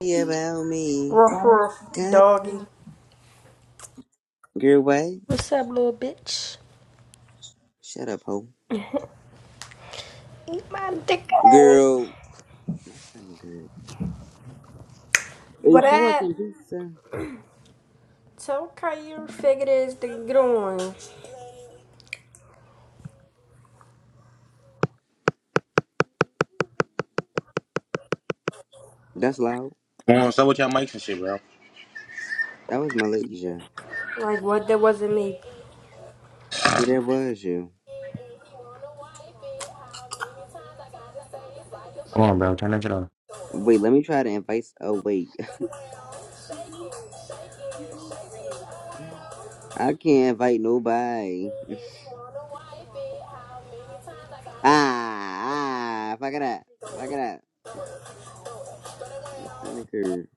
Hey, about me. Ruff, ruff, God. doggy. Girl, wait. Shut up, ho. Girl. I'm good. But If she wants that, some pizza. tell Kyrie faggot ass to get on. That's loud. Come on, so with your mics and shit, bro. That was my lady, yeah. Like, what? That wasn't me. But that was you. Come on, bro. Turn that shit off. Wait, let me try to invite. Oh, wait. I can't invite nobody. Ah, ah. Fuck it up. Fuck it up. My stomach hurt.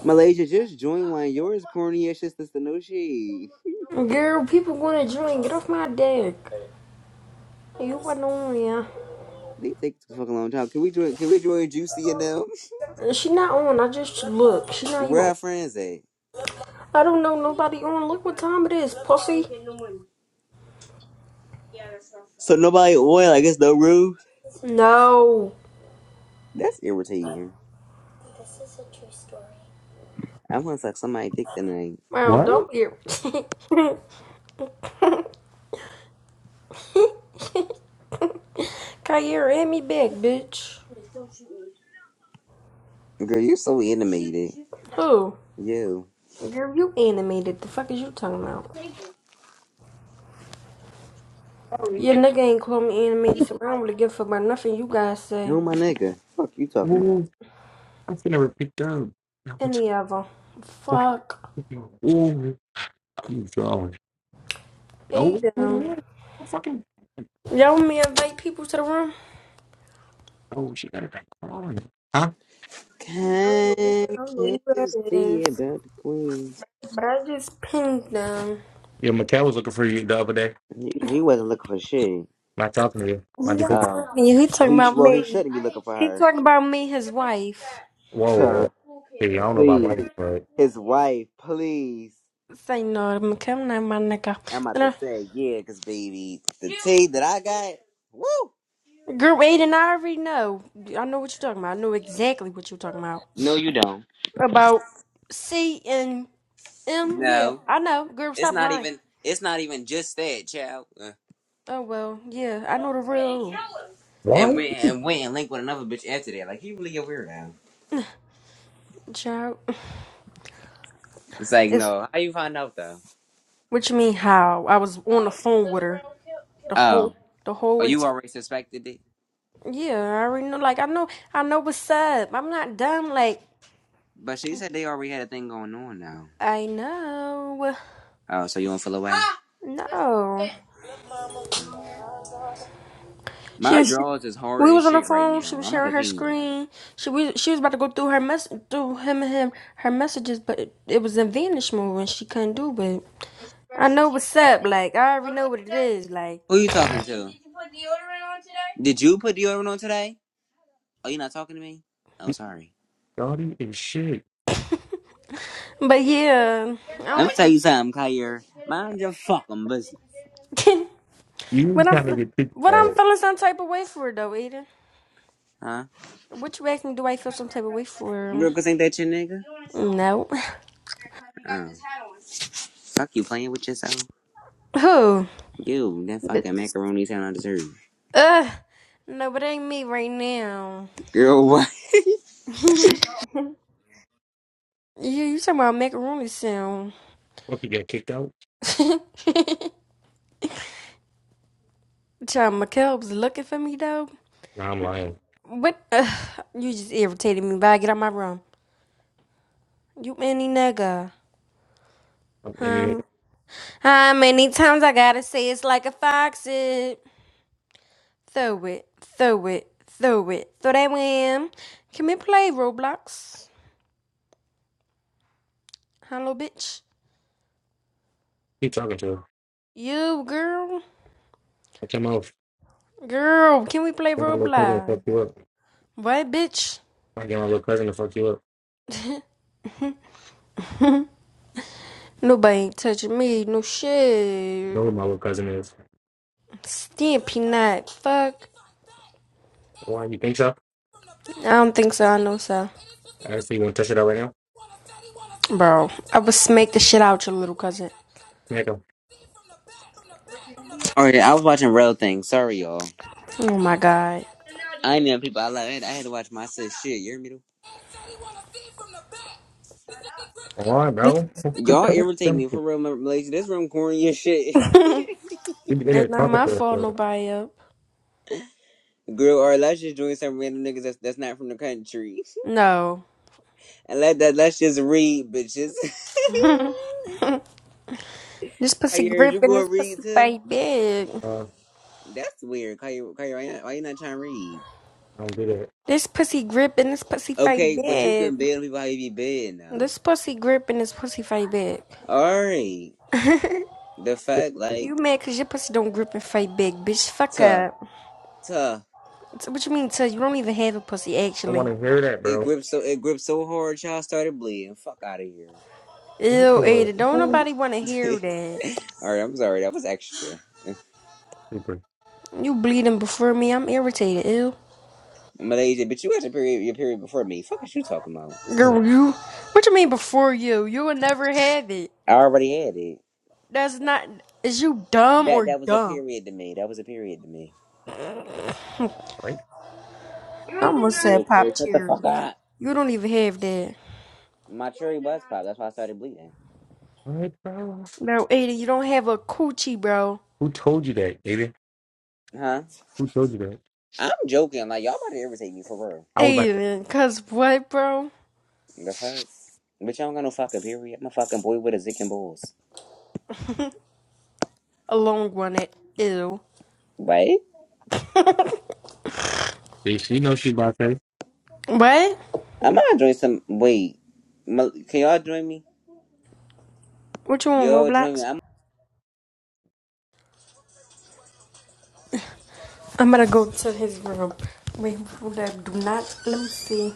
Malaysia, just join one. Yours corny as shit, sister. No shade. Girl, people gonna join. Get off my dick. You wasn't on, yeah. They take too fucking long time. Can we join? Can we join Juicy and them? She not on. I just look. She not even Where on. our friends at? I don't know nobody on. Look what time it is, pussy. So nobody oil. I guess no room. No. That's irritating. I want to suck somebody dick tonight. Wow, What? don't hear. Kyrie, hit me back, bitch. Girl, you are so animated. Who? Yo, Girl, you animated. The fuck is you talking about? Your nigga ain't call me animated, so I don't really give a fuck about nothing you guys say. who my nigga? Fuck you talking about? Ooh, I'm finna repeat that. Any of them. Fuck. Ooh, I'm drawing. Oh, what's Aiden. going on? I'm fucking. Y'all want me to invite people to the room? Oh, she got it back on. Huh? Can I don't know can who that see is, about the queen. but I just pinged them. Yeah, Mattel was looking for you the other day. He, he wasn't looking for shit. Not talking to you. He My not dude. Oh, talking. to you, He well talking he sh- about well he me. shouldn't be looking for He her. talking about me, his wife. Tuh. Whoa. Hey, I don't know about Please, money, but his wife. Please, Say no, I'm coming at my nigga. I'm about to Then I- say yeah, cause baby, the tea that I got. Woo. Group eight I already know. I know what you're talking about. I know exactly what you're talking about. No, you don't. About C and M. Yeah, No, I know. Girl, it's stop not lying. even. It's not even just that, child. Uh, Oh well, yeah, I know the real and what? went and went and linked with another bitch after that. Like he really a weirdo. child. It's like It's no, how you find out though? What you mean how? I was on the phone with her the Oh, whole the whole oh, you entire. already suspected it, Yeah, I already know. Like I know, I know what's up. I'm not dumb. Like but she said they already had a thing going on now. I know. Oh, so you don't feel away? No, Mm. she My was. drawers is hard We as was on the shit right phone. She now. was I'm about to sharing her change them. screen. She was she was about to go through her mess through him and him her messages, but it, it was in vanish mode and she couldn't do it. I know what's up. Like I already know what it is. Like, Who you talking to? Did you put deodorant on today? Did you put deodorant on today? Oh, you not talking to me? Oh, sorry. Dottie and shit. but yeah, I Let me tell you something, Kyrie. Mind your fucking business, don't. But You I'm, gotta f- get kicked but I'm out. feeling some type of way for it though, Aiden. huh? What you asking? Do I feel some type of way for? Rugers ain't that your nigga? No. Oh. Fuck you playing with yourself. Who? You, that fucking But macaroni's macaroni I deserve. uh, no, but it ain't me right now. Girl, what? Yeah, you talking about macaroni sound? What, you get kicked out? John McKelb's looking for me though. Nah, I'm lying. What? Uh, you just irritated me. Bye, get out my room. You any nigga? I'm, I mean, Um, how many times I gotta say it's like a foxy? Throw it, throw it, throw it, throw that one. Can we play Roblox? Hello, bitch. keep talking to her. You, girl. I came off. Girl, can we play Came out look like I got Roblox? fucked you up. Right, bitch? I get my little cousin to fuck you up. Nobody ain't touching me, no You know shit. who my little cousin is. Stampy not, fuck. Why you think so? I don't think so, I know so. Actually, you want to touch it out right now? Bro, I would smack the shit out your little cousin. Make him. Alright, I was watching Real Thing. Sorry, y'all. Oh my god. I know people I love it. I had to watch my sis shit. You hear me? though? Why, This bro? we pussy Y'all gripping, irritate me for real, Malaysia. This room corny and shit. be in there it's not talking my to us, fault bro. nobody up. Girl, or let's just join some random niggas that's, that's not from the country. No. And let that let's just read, bitches. This pussy Hey, yours? you gripping, gonna this read pussy too? baby. Uh, That's weird. Why you, why you, why you not why you not trying to read? I don't do that. This pussy grip and this pussy fight Okay, but you back. can bed on people how you be bed now. This pussy grip and this pussy fight back. All right. The fact, You like, mad cause your pussy don't grip and fight back, bitch. Fuck tuh, up. tuh. So what you mean tell you don't even have a pussy I actually. want to hear that, It bro. gripped so it gripped so hard, y'all started bleeding. Fuck out of here. Ew, Ooh, Ada, don't nobody wanna hear that. All right, I'm sorry. That was extra. Super. You bleeding before me, I'm irritated, ew. Malaysia, but you had your period your period before me. Fuck is you talking about? Mm, Girl, you what you mean before you? You will never have it. I already had it. That's not is you dumb That or that was a dumb? period to me. That was a period to me. Right? I almost said Girl, pop please, shut the cherry. fuck up. You don't even have that. My cherry was popped. That's why I started bleeding. all Right, bro. No, Ada, you don't have a coochie, bro. Who told you that, baby? Huh? Who told you that? I'm joking. Like y'all about to irritate me for real. I was about to. Aiden, cause what, bro? The fuck? But y'all don't got no fucking period. I'm a fucking boy with a zick and balls. A long one, it, ew. Right? See, she knows she's about to. say. What? I'm gonna join some. Wait, can y'all join me? What you on, Y'all join me. Roblox? I'm I'm gonna go to his room. Wait, hold up, do not, let me see.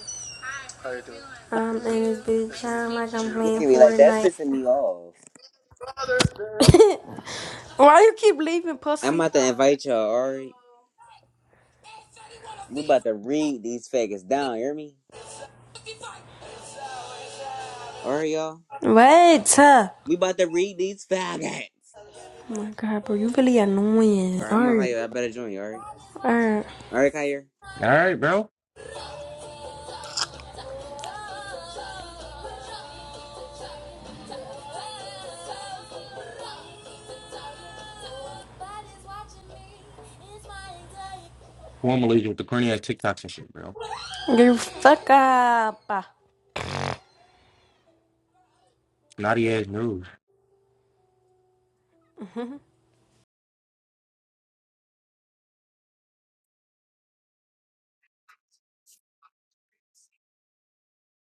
I'm in this bitch, I'm like I'm look at playing me like that's Fortnite. pissing me off. Why you keep leaving, I'm pussy? about to invite y'all. All right, we about to read these faggots down. You hear me? All right, y'all. What? Huh? We about to read these faggots. Oh my god, bro, you really annoying. All right, I'm gonna invite Alright, you. all I better join you. All right. alright. All right, Kyrie. All right, bro. Who I'm Malaysia with the corny ass TikToks and shit, bro. You fuck up. Naughty ass news.